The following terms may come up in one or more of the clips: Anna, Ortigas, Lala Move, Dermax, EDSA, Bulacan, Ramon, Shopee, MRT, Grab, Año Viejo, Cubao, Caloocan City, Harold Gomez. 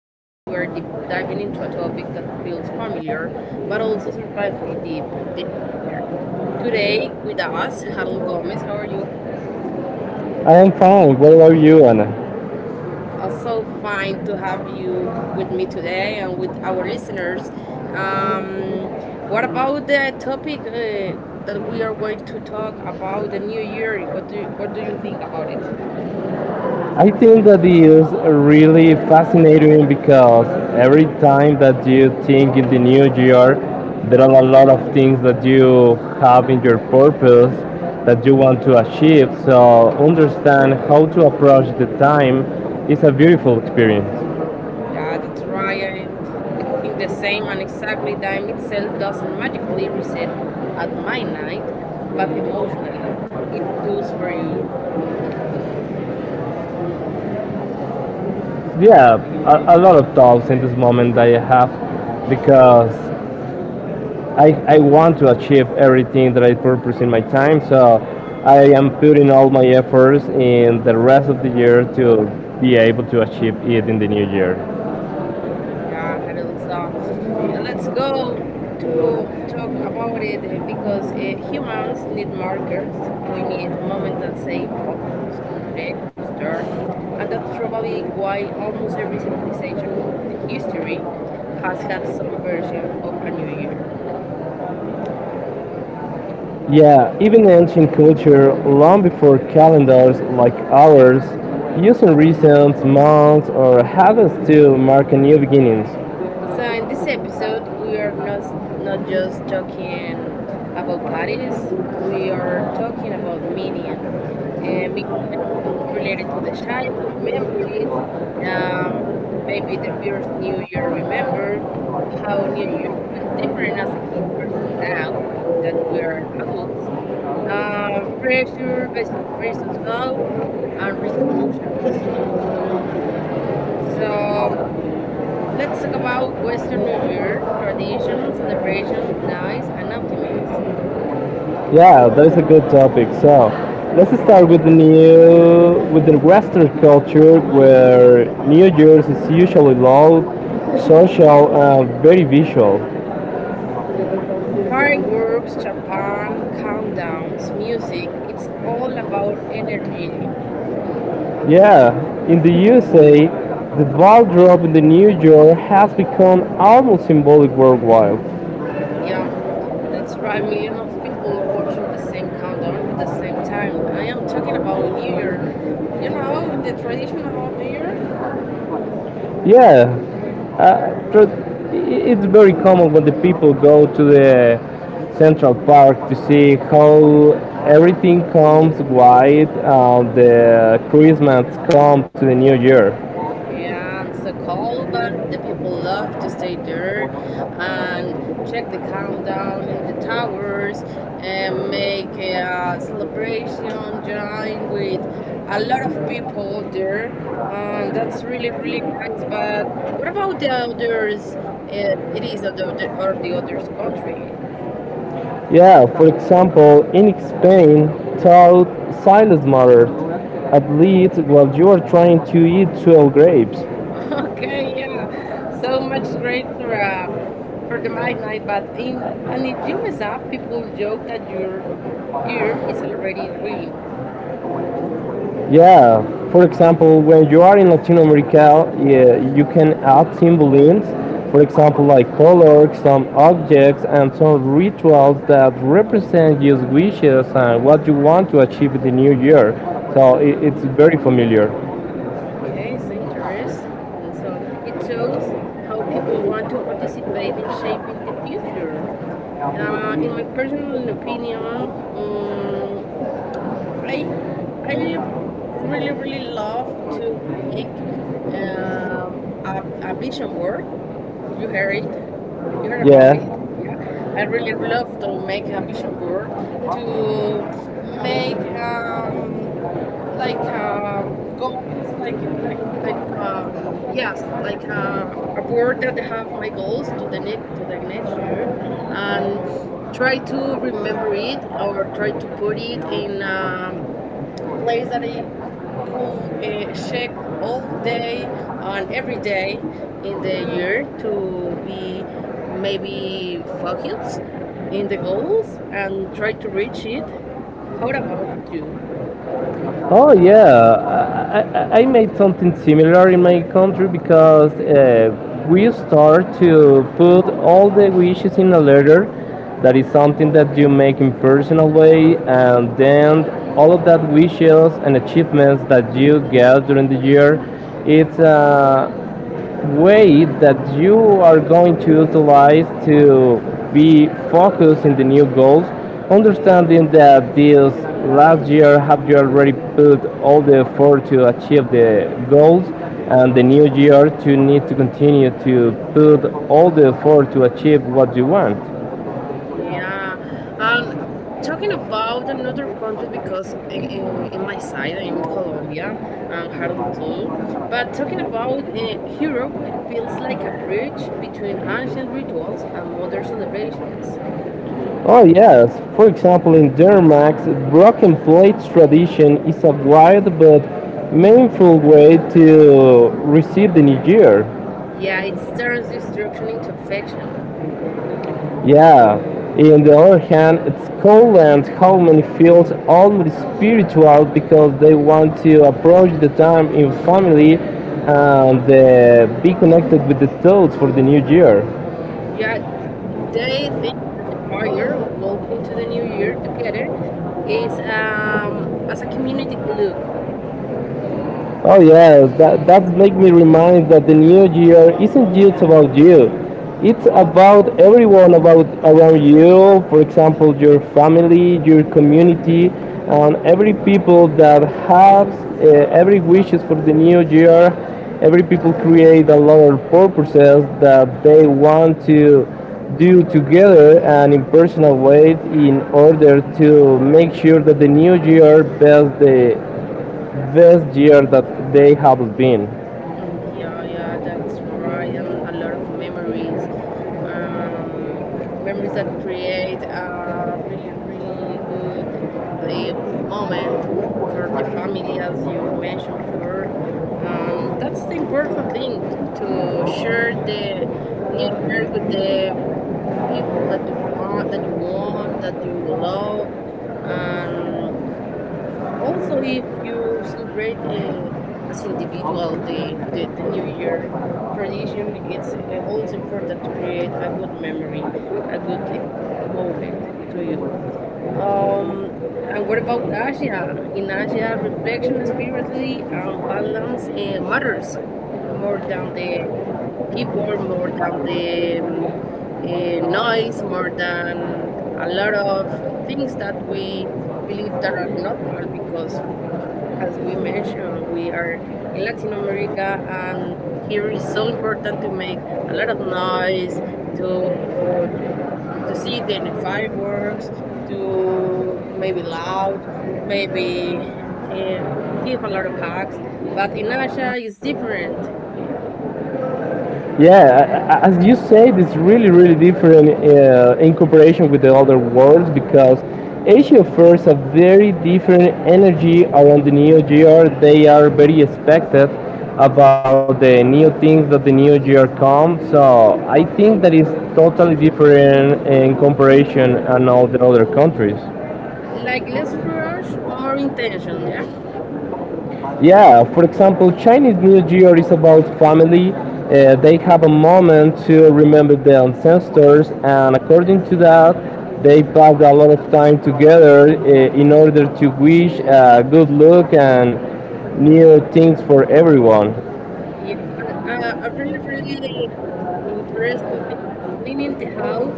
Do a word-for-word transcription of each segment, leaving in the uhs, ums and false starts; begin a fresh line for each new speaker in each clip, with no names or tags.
Today we are deep diving into a topic that feels familiar but also surprisingly deep. deep. Today, with us, Harold Gomez. How are you?
I am fine. What about you, Anna?
Also, fine to have you with me today and with our listeners. Um, what about the topic uh, that we are going to talk about the new year? What do you, what do you think about it?
I think that is really fascinating because every time that you think in the new year, there are a lot of things that you have in your purpose that you want to achieve. So understand how to approach the time is a beautiful experience.
Yeah, that's right. I think the same, and exactly time itself doesn't magically reset at midnight, but emotionally it does for you.
Yeah, a, a lot of thoughts in this moment that I have because I, I want to achieve everything that I purpose in my time, so I am putting all my efforts in the rest of the year to be able to achieve it in the new year.
Yeah, Harold. Uh, let's go to talk about it uh, because uh, humans need markers. We need moments that say pause, reflect, restart, and that's probably why almost every civilization in the history has had some version of a new year.
Yeah, even ancient culture, long before calendars like ours, using reasons, months, or habits to mark a new beginnings.
So in this episode, we are not not just talking about parties. We are talking about Minion, and Minion related to the childhood memories. Um, Maybe the first New Year remember how New Year felt different as a kid versus now that we are adults. Um, pressure versus versus hope and resolutions. So let's talk about Western New Year tradition, celebration, nights, and optimism.
Yeah, that is a good topic. So let's start with the new with the Western culture where New Year's is usually loud, social and very visual.
Fireworks, champagne, countdowns, music, it's all about energy.
Yeah, in the U S A the ball drop in the New Year has become almost symbolic worldwide.
Yeah, that's right, million of people watching the same countdown at the same time. I am talking about New Year. You know the tradition about New Year?
Yeah, uh, tr- it's very common when the people go to the Central Park to see how everything comes white and the Christmas come to the New Year.
Yeah, and so cold, but the people love to stay there and check the countdown in the towers and make a uh, celebration, join with a lot of people there. And that's really, really nice. But what about the others uh, cities or the, or the other countries?
Yeah, for example, in Spain, thought silence mattered, at least while you are trying to eat twelve grapes.
Okay, yeah. So much great for uh for the magnite, but in and if you mess up, people joke that your year is already ruined.
Yeah, for example, when you are in Latin America, yeah, you can add symbolisms, for example, like color, some objects, and some rituals that represent your wishes and what you want to achieve in the new year. So I
Mm,
it's very
yeah.
familiar.
Okay, it's interesting. And so it shows how people want to participate in shaping the future. Uh, in my personal opinion, um, I I really really love to make um, a, a vision board. You heard it. You heard about
Yes.
it. Yeah, I really love to make a vision board to make um like um goals, like like like um yes like uh, a board that have my goals to the next to the next year and try to remember it or try to put it in um place that I could uh, check all day and every day in the year to be maybe focused in the goals and try to reach it. How about you?
Oh yeah, I, I, I made something similar in my country because uh, we start to put all the wishes in a letter. That is something that you make in personal way, and then all of that wishes and achievements that you get during the year, it's uh, way that you are going to utilize to be focused in the new goals, understanding that this last year have you already put all the effort to achieve the goals and the new year to need to continue to put all the effort to achieve what you want.
Yeah, and talking about another country because in, in, in my side, I'm in Colombia and Harold too. But talking about uh, Europe, it feels like a bridge between ancient rituals and modern celebrations.
Oh yes, for example in Dermax, broken plates tradition is a wide but meaningful way to receive the new year.
Yeah, it turns destruction into affection.
Yeah. In the other hand, it's cold and how many feels almost spiritual because they want to approach the time in family and uh, be connected with the thoughts for the new year.
Yeah, they think that the fire walking into the new year together is um as a community look.
Oh yeah, that that make me remind that the new year isn't just about you. It's about everyone about around you. For example, your family, your community, and every people that has uh, every wishes for the new year. Every people create a lot of purposes that they want to do together and in personal way in order to make sure that the new year best the best year that they have been.
Yeah, yeah, that's right, and a lot of memories. Um, Memories that create a really, really good uh, moment for the family, as you mentioned before. And that's the important thing to share the new year with the people that you want, that you want, that you love. Um, also if you celebrate uh, as individual the, the the new year tradition, it's uh, also important to create a good memory, a good uh, moment to you. um and what about Asia? In Asia, reflection, spiritually and balance uh, matters more than the people, more than the um, eh, noise, more than a lot of things that we believe that are normal because, as we mentioned, we are in Latin America, and here is so important to make a lot of noise, to to see the fireworks, to maybe loud, maybe eh, give a lot of hugs. But in Asia, it's different.
Yeah, as you say, it's really, really different uh, in comparison with the other worlds because Asia offers a very different energy around the new year. They are very expected about the new things that the new year comes. So I think that is totally different in comparison and all the other countries.
Like less rush, more intention, yeah?
Yeah, for example, Chinese New Year is about family. Uh, they have a moment to remember their ancestors, and according
Yeah.
to that, they pass a lot of time together uh, in order to wish uh, good luck and new things for everyone.
Yeah, but, uh, a really, really interesting thing is cleaning the house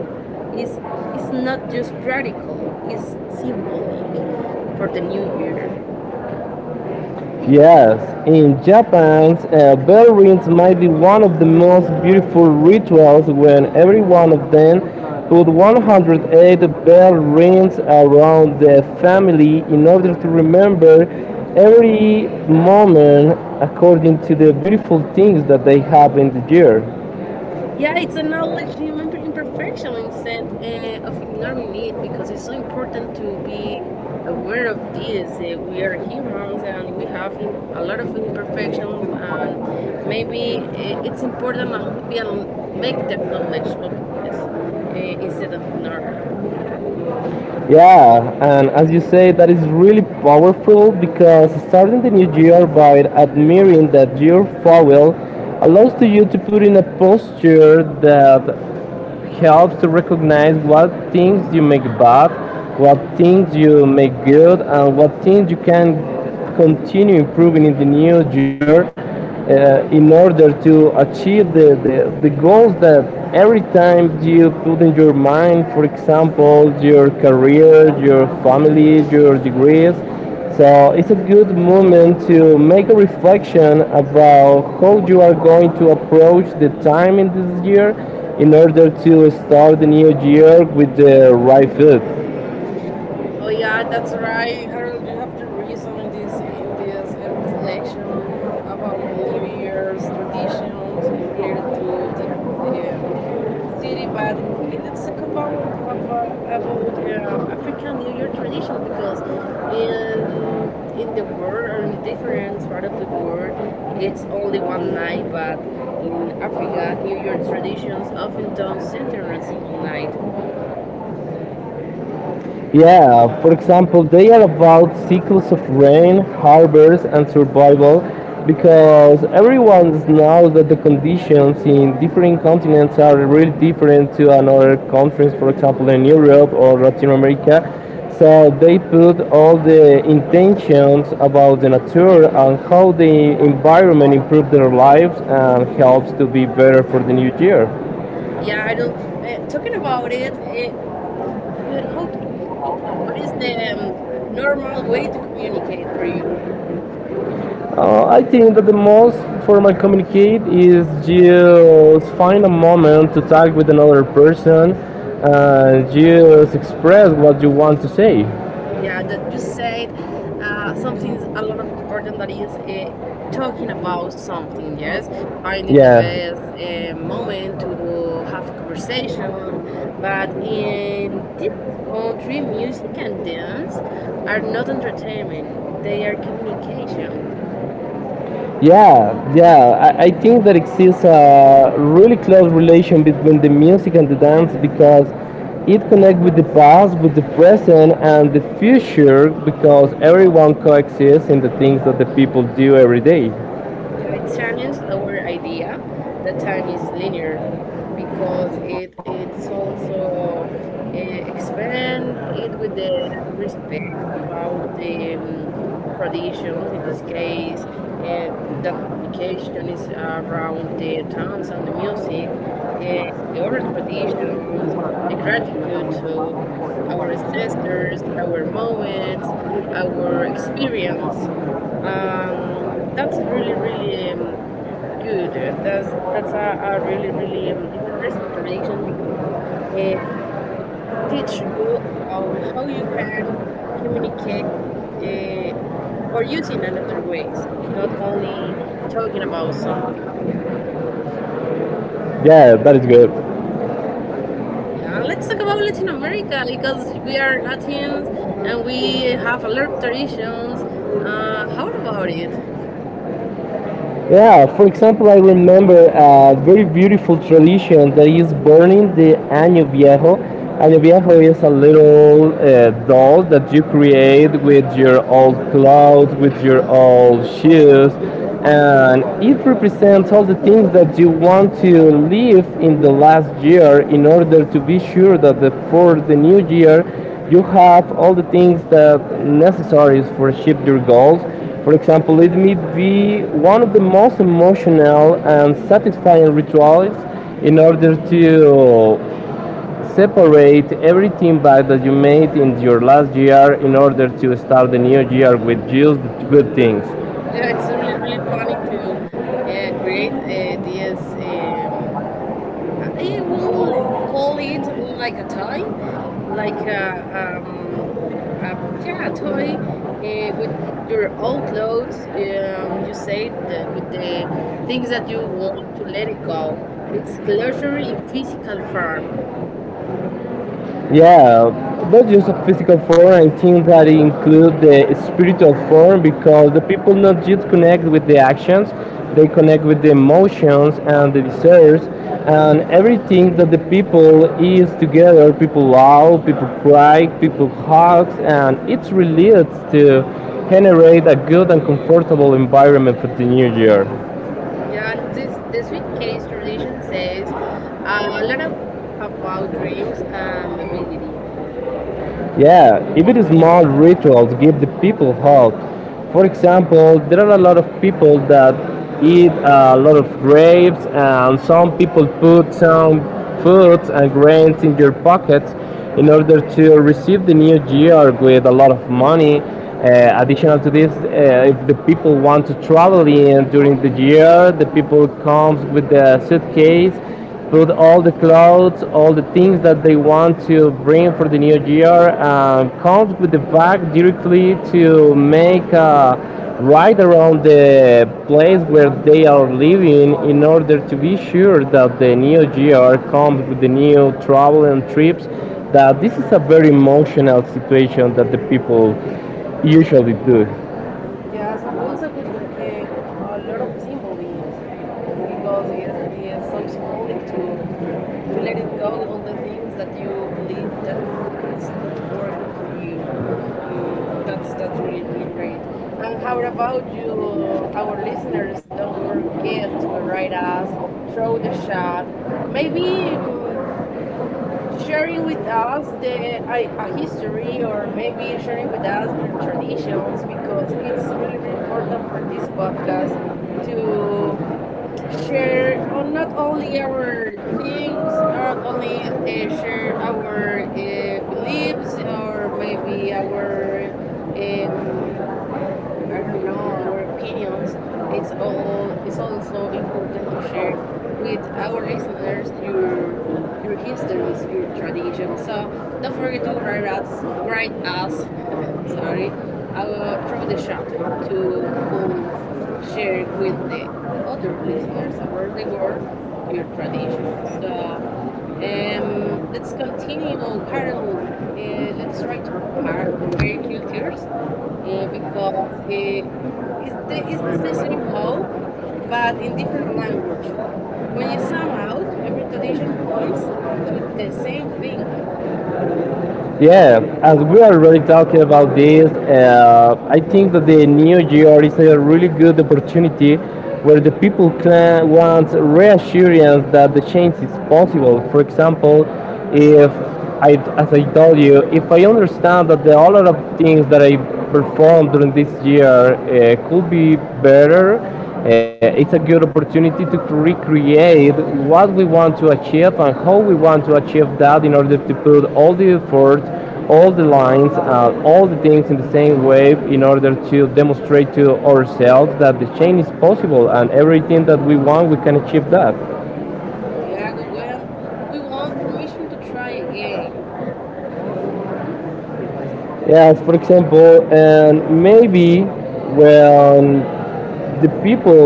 is it's not just practical, it's symbolic for the new year.
Yes, in Japan, uh, bell rings might be one of the most beautiful rituals when every one of them put one hundred eight bell rings around the family in order to remember every moment according to the beautiful things that they have in the year.
Yeah, it's acknowledging remember imperfection instead uh, of ignoring it because it's so important to be aware of this. That we are humans and we have im- a lot of imperfections, and maybe i- it's important to be an- make the knowledge of this uh, instead of ignore.
Yeah, and as you say, that is really powerful because starting the new year by admiring that your fowl allows to you to put in a posture that helps to recognize what things you make bad, what things you make good, and what things you can continue improving in the new year uh, in order to achieve the, the, the goals that every time you put in your mind, for example, your career, your family, your degrees, so it's a good moment to make a reflection about how you are going to approach the time in this year in order to start the new year with the right foot.
Oh yeah, that's right, Harold. You have the reason in this in this uh, reflection about New Year's traditions uh, related to this city, but it's a about of uh, about uh, African New Year tradition because in in the world or in a different part of the world, it's only one night. But in Africa, New Year traditions often don't center on a single night.
Yeah, for example, they are about cycles of rain, harbors, and survival because everyone knows that the conditions in different continents are really different to another countries, for example, in Europe or Latin America. So they put all the intentions about the nature and how the environment improve their lives and helps to be better for the new year.
Yeah, I don't. Uh, talking about it, uh, well, how do you communicate? What is the um, normal way to communicate for you?
Uh, I think that the most formal communicate is just find a moment to talk with another person and just express what you want to say.
Yeah, that you said uh, something a lot of important that is uh, talking about something. Yes, finding the
Yeah,
best uh, moment to have a conversation. But in this country, music and dance are not entertainment; they are communication.
yeah, yeah. I, I think that exists a really close relation between the music and the dance because it connects with the past, with the present, and the future because everyone coexists in the things that the people do every day.
I challenged our idea that time is linear because it it's also uh, expand it with the respect about the um, traditions. In this case, uh, the communication is around the towns and the music, uh, the oral traditions, the gratitude. So our ancestors, our moments, our experience. Um, that's really, really um, good. Uh, That's that's a, a really, really um, interesting tradition because it teach you about how you can communicate with uh, or using another ways, not only talking about something.
Yeah, that is good.
Yeah, let's talk about Latin America because we are Latins and we have a lot of traditions. Uh, how about it?
Yeah, for example, I remember a very beautiful tradition that is burning the Año Viejo. Año Viejo is a little uh, doll that you create with your old clothes, with your old shoes, and it represents all the things that you want to live in the last year in order to be sure that the, for the new year you have all the things that necessaries for achieve your goals. For example, it may be one of the most emotional and satisfying rituals in order to separate everything bad that you made in your last year in order to start the new year with just good things.
Yeah, it's really, really funny to uh, create uh, this. Um, I will call it like a toy, like a, um, a yeah, a toy uh, with your own clothes, and you say the, with the things that you want to let it go. It's closure in physical form.
Yeah, not just a physical form. I think that include the spiritual form because the people not just connect with the actions, they connect with the emotions and the desires and everything that the people is together. People love, people cry, people hugs, and it's related to generate a good and comfortable environment for the new year.
Yeah, and this the sweet case tradition says a lot of about dreams and mobility.
Yeah, even small rituals give the people hope. For example, there are a lot of people that eat a lot of grapes, and some people put some fruits and grains in their pockets in order to receive the new year with a lot of money. Uh, additional to this, uh, if the people want to travel in during the year, the people comes with the suitcase put all the clothes, all the things that they want to bring for the new year, um, comes with the bag directly to make a ride around the place where they are living in order to be sure that the new year comes with the new travel and trips. That this is a very emotional situation that the people usually do.
Yeah, so also with the, uh, a lot of symbolisms because it is, it is so symbolic to to let it go all the things that you believe that is not working for you. Mm, that's that's really really great. And how about you, our listeners? Don't forget to write us, throw the shot. Maybe mm sharing with us the I, a history or maybe sharing with us your traditions because it's really really important for this podcast to share on not only our things, not only uh, share our uh, beliefs or maybe our um, I don't know, our opinions. It's all it's also important to share with our listeners your your histories, your traditions. So don't forget to write us write us sorry uh throw the shot to cool share with the other listeners around the world your traditions. So um, let's continue, Harold. Uh, let's try to compare compare cultures uh, because uh, it's the, it's the same hope, but in different language. When you sum out, every tradition points to the same thing.
Yeah, as we are already talking about this, uh, I think that the new year is a really good opportunity where the people can want reassurance that the change is possible. For example, if I, as I told you, if I understand that the, all lot of the things that I performed during this year uh, could be better, uh, it's a good opportunity to recreate what we want to achieve and how we want to achieve that in order to put all the effort, all the lines, uh, all the things in the same way in order to demonstrate to ourselves that the change is possible and everything that we want, we can achieve that.
Yeah, we want we want permission to try again.
Yes, for example, and maybe when the people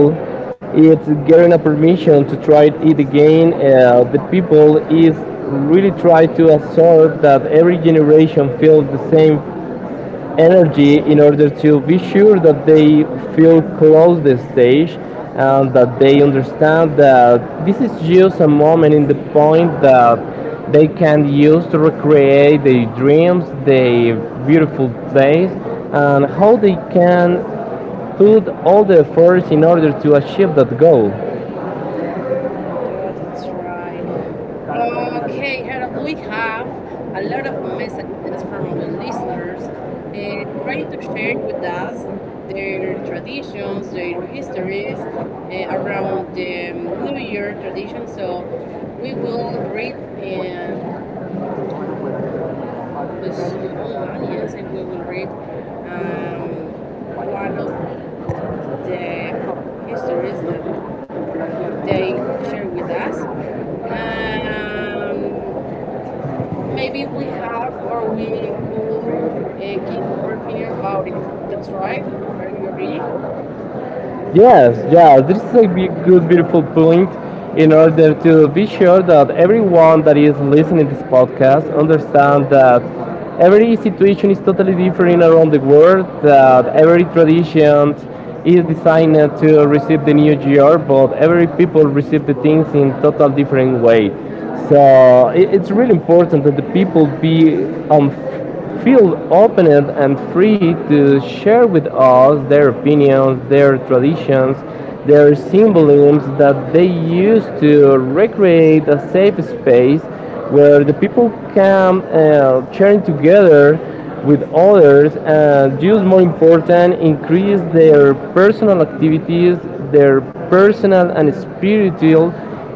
it's getting a permission to try it again. Uh, the people is really try to absorb that every generation feels the same energy in order to be sure that they feel close the stage and that they understand that this is just a moment in the point that they can use to recreate their dreams, their beautiful place, and how they can put all the efforts in order to achieve that goal.
Yeah, that's right. Okay, Harold, we have a lot of messages from our listeners uh, trying to share with us their traditions, their histories uh, around the um, New Year tradition. So we will read um, with someone, yes, and we will read um, one of the histories that they share with us. Um, Maybe we have or we could uh, give our opinion about it. That's right. Are you agree?
Yes, yeah, this is a big, good, beautiful point in order to be sure that everyone that is listening to this podcast understands that every situation is totally different around the world, that every tradition is designed to receive the new year, but every people receive the things in total different way. So it, it's really important that the people be on feel open and free to share with us their opinions, their traditions, their symbolisms that they use to recreate a safe space where the people can uh, churn together with others and just more important increase their personal activities their personal and spiritual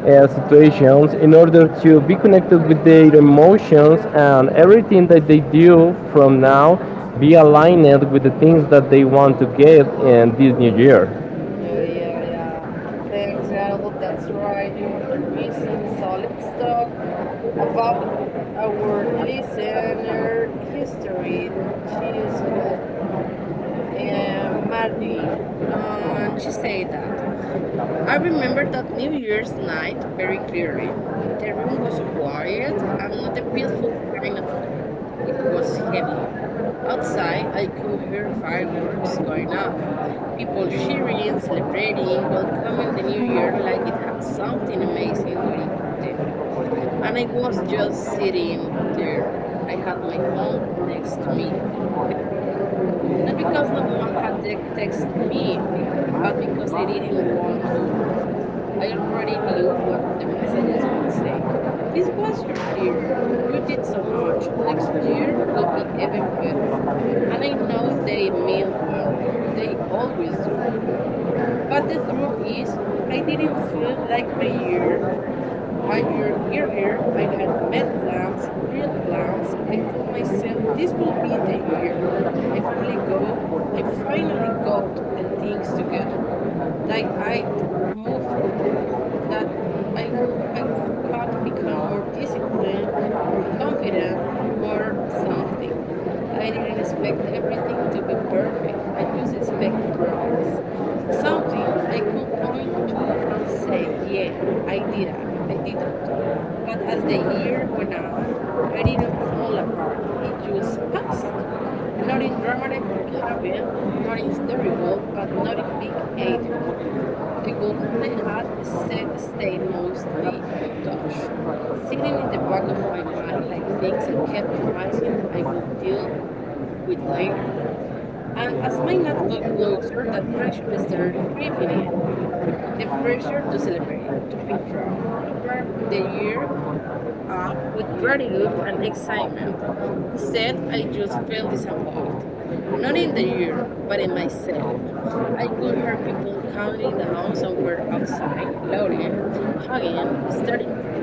uh, situations in order to be connected with their emotions and everything that they do from now be aligned with the things that they want to get in this new year.
Yeah, yeah, yeah. Thanks, Yael. That's right. You have the reason. So let's talk about our listener history. She is called uh, Marie. And she said that. I remember that New Year's night very clearly. The room was quiet and not the peaceful kind of quiet. It was heavy. Outside, I could hear fireworks going off, people cheering, celebrating, welcoming the new year like it had something amazing waiting for them. And I was just sitting there. I had my phone next to me. Not because no one had te- texted me, be- but because I didn't want to. I already knew what the messages will say. This was your year. You did so much. Next year will be even better. And I know they mean well. They always do. But the truth is, I didn't feel like my year a year earlier, I had met clams, real clams. I told myself this will be the year. I finally go. I finally got the things together. That I'd move forward. That I will. I had become more disciplined, more confident, more something. I didn't expect everything to be perfect. I just expect progress. Something I could point to and say, yeah, I did that. I did that. But as the year went on, I didn't fall apart. It just passed. Not in dramatic happy, not in terrible, but not in big either. The goals I had set stayed mostly untouched, sitting in the back of my mind like things I kept promising I would deal with later. And as my night got closer, that pressure started creeping in. The pressure to celebrate, to feel proud, to wrap the year up with gratitude and excitement. Instead, I just felt disappointed. Not in the year, but in myself. I could hear people counting down somewhere outside, loading, hugging, starting fresh.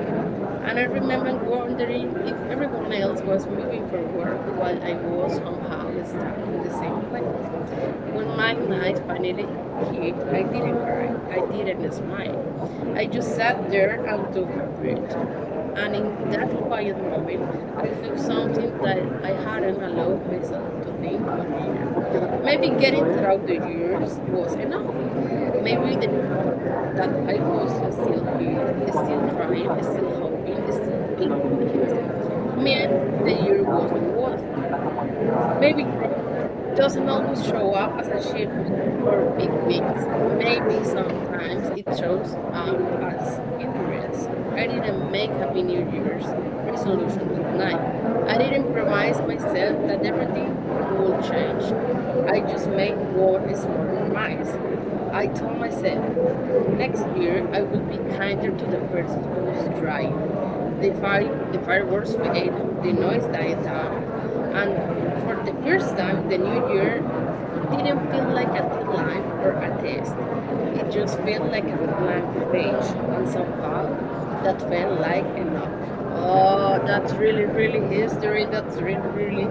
And I remember wondering if everyone else was moving for work while I was somehow stuck in the same place. When my night finally hit, I didn't cry, I didn't smile, I just sat there and took a breath. And in that quiet moment, I took something that I hadn't allowed myself to think all year. Maybe getting through the years was enough. Maybe the fact that I was still here, still trying, still hoping, still big things meant the year wasn't worth. Maybe doesn't always show up as achievement or big wins. Maybe sometimes it shows up as endurance. I didn't make a New Year's resolution that night. I didn't promise myself that everything would change. I just made one small promise. I told myself, next year I will be kinder to the person who's trying. The, fire, the fireworks fade, the noise died down, and for the first time, the new year didn't feel like a deadline or a test. It just felt like a blank page, and somehow that felt like enough. Oh, that's really, really history. That's really, really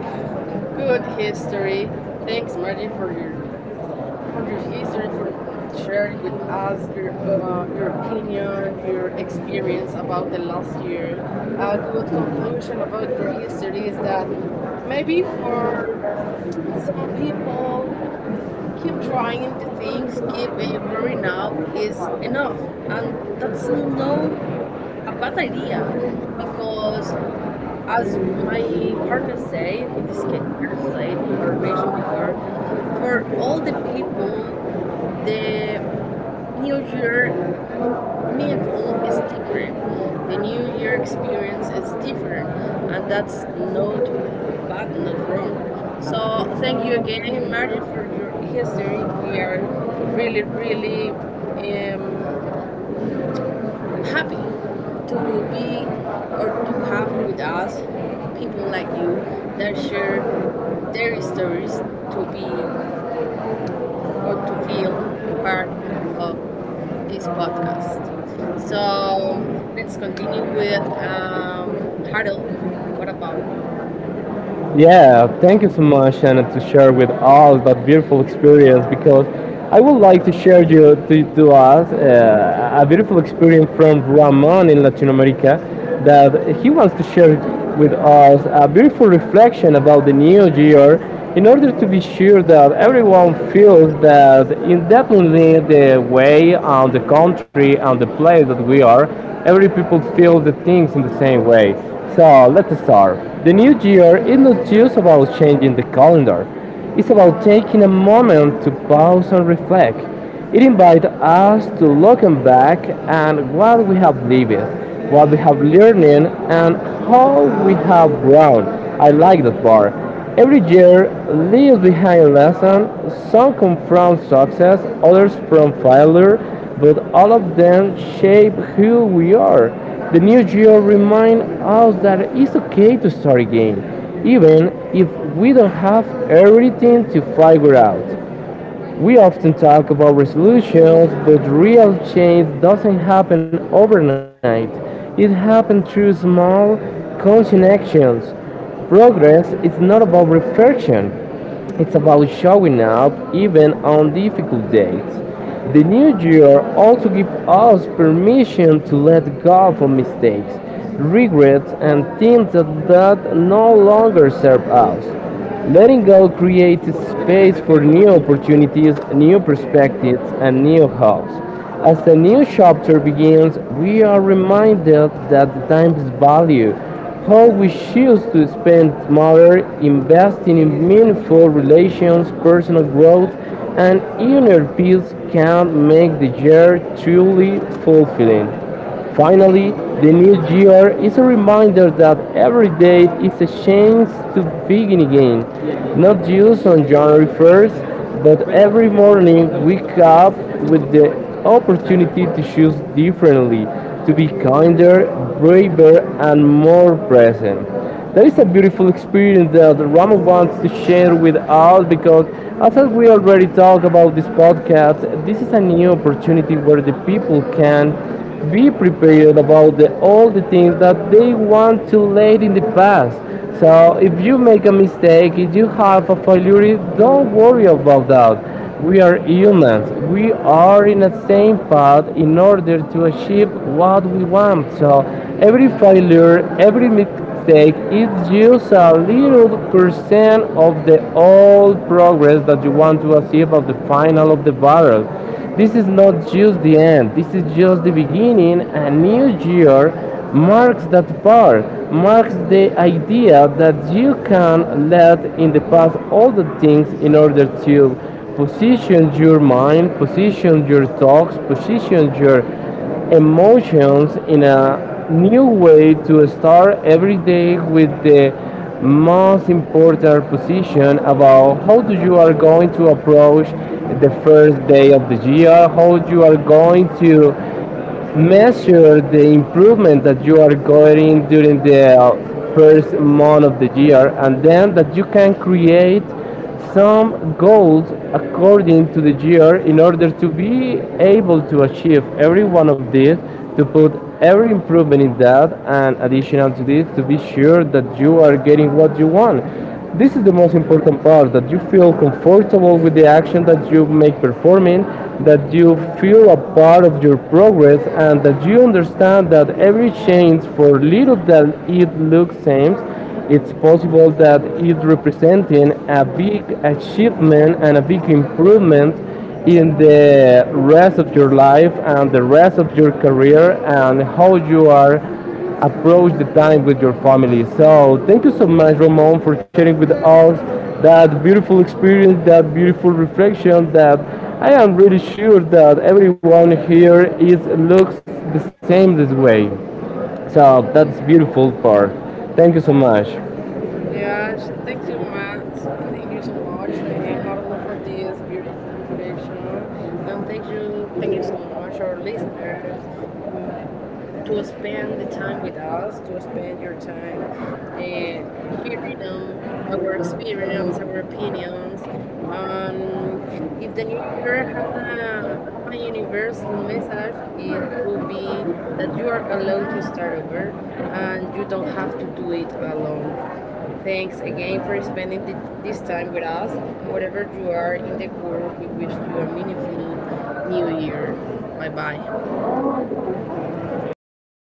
good history. Thanks, Marty, for your for your history, for sharing with us your uh, your opinion, your experience about the last year. A good conclusion about your history is that maybe for some people keep trying the things, keep uh, growing up is enough. And that's no a bad idea because as my partner said, in this case, I said or mentioned before, for all the people, the New Year mm, meaningful is different. The New Year experience is different, and that's not bad, not wrong. So thank you again, Margie, for your history. We are really, really um, happy to be or to have with us people like you that share their stories to be or to feel part of this podcast. So um, let's continue with um, Harold. What about you?
Yeah, thank you so much, Anna, to share with us that beautiful experience because I would like to share you to, to us uh, a beautiful experience from Ramon in Latin America that he wants to share with us a beautiful reflection about the new year in order to be sure that everyone feels that indefinitely the way and the country and the place that we are, every people feel the things in the same way. So let's start. The new year is not just about changing the calendar, it's about taking a moment to pause and reflect. It invites us to look back and what we have lived, what we have learned, and how we have grown. I like that part. Every year leaves behind a lesson. Some come from success, others from failure, but all of them shape who we are. The New Geo reminds us that it's okay to start again, even if we don't have everything to figure out. We often talk about resolutions, but real change doesn't happen overnight. It happens through small, conscious actions. Progress is not about perfection. It's about showing up even on difficult days. The new year also gives us permission to let go of mistakes, regrets, and things that, that no longer serve us. Letting go creates space for new opportunities, new perspectives, and new hopes. As the new chapter begins, we are reminded that the time is value, how we choose to spend matter, investing in meaningful relations, personal growth, and inner peace can make the year truly fulfilling. Finally, the new year is a reminder that every day is a chance to begin again. Not just on January first, but every morning wake up with the opportunity to choose differently, to be kinder, braver, and more present. That is a beautiful experience that the Rama wants to share with us because, as we already talked about this podcast, this is a new opportunity where the people can be prepared about the, all the things that they want to late in the past. So, if you make a mistake, if you have a failure, don't worry about that. We are humans. We are in the same path in order to achieve what we want. So every failure, every mistake is just a little percent of the all progress that you want to achieve at the final of the barrel. This is not just the end, this is just the beginning. A new year marks that part, marks the idea that you can let in the past all the things in order to position your mind, position your thoughts, position your emotions in a new way to start every day with the most important position about how do you are going to approach the first day of the year, how you are going to measure the improvement that you are going during the uh, first month of the year, and then that you can create some goals according to the year in order to be able to achieve every one of these, to put every improvement in that, and additional to this, to be sure that you are getting what you want. This is the most important part, that you feel comfortable with the action that you make performing, that you feel a part of your progress, and that you understand that every change, for little that it looks same, it's possible that it representing a big achievement and a big improvement in the rest of your life and the rest of your career and how you are approach the time with your family. So thank you so much, Ramon, for sharing with us that beautiful experience, that beautiful reflection that I am really sure that everyone here is looks the same this way. So that's beautiful part. Thank you so much.
Yeah, sh- thank you, Matt. Thank you so much, uh, Harold, for this beautiful reflection, and thank you, thank you so much, our listeners, mm, to spend the time with us, to spend your time uh, hearing um, our experience, our opinions. Um, if the new year had a, have a universal message, it will be that you are allowed to start over and you don't have to do it alone. Thanks again for spending thi- this time with us. Wherever you are in the world, we wish you a meaningful new year. Bye bye.
Bye. Thank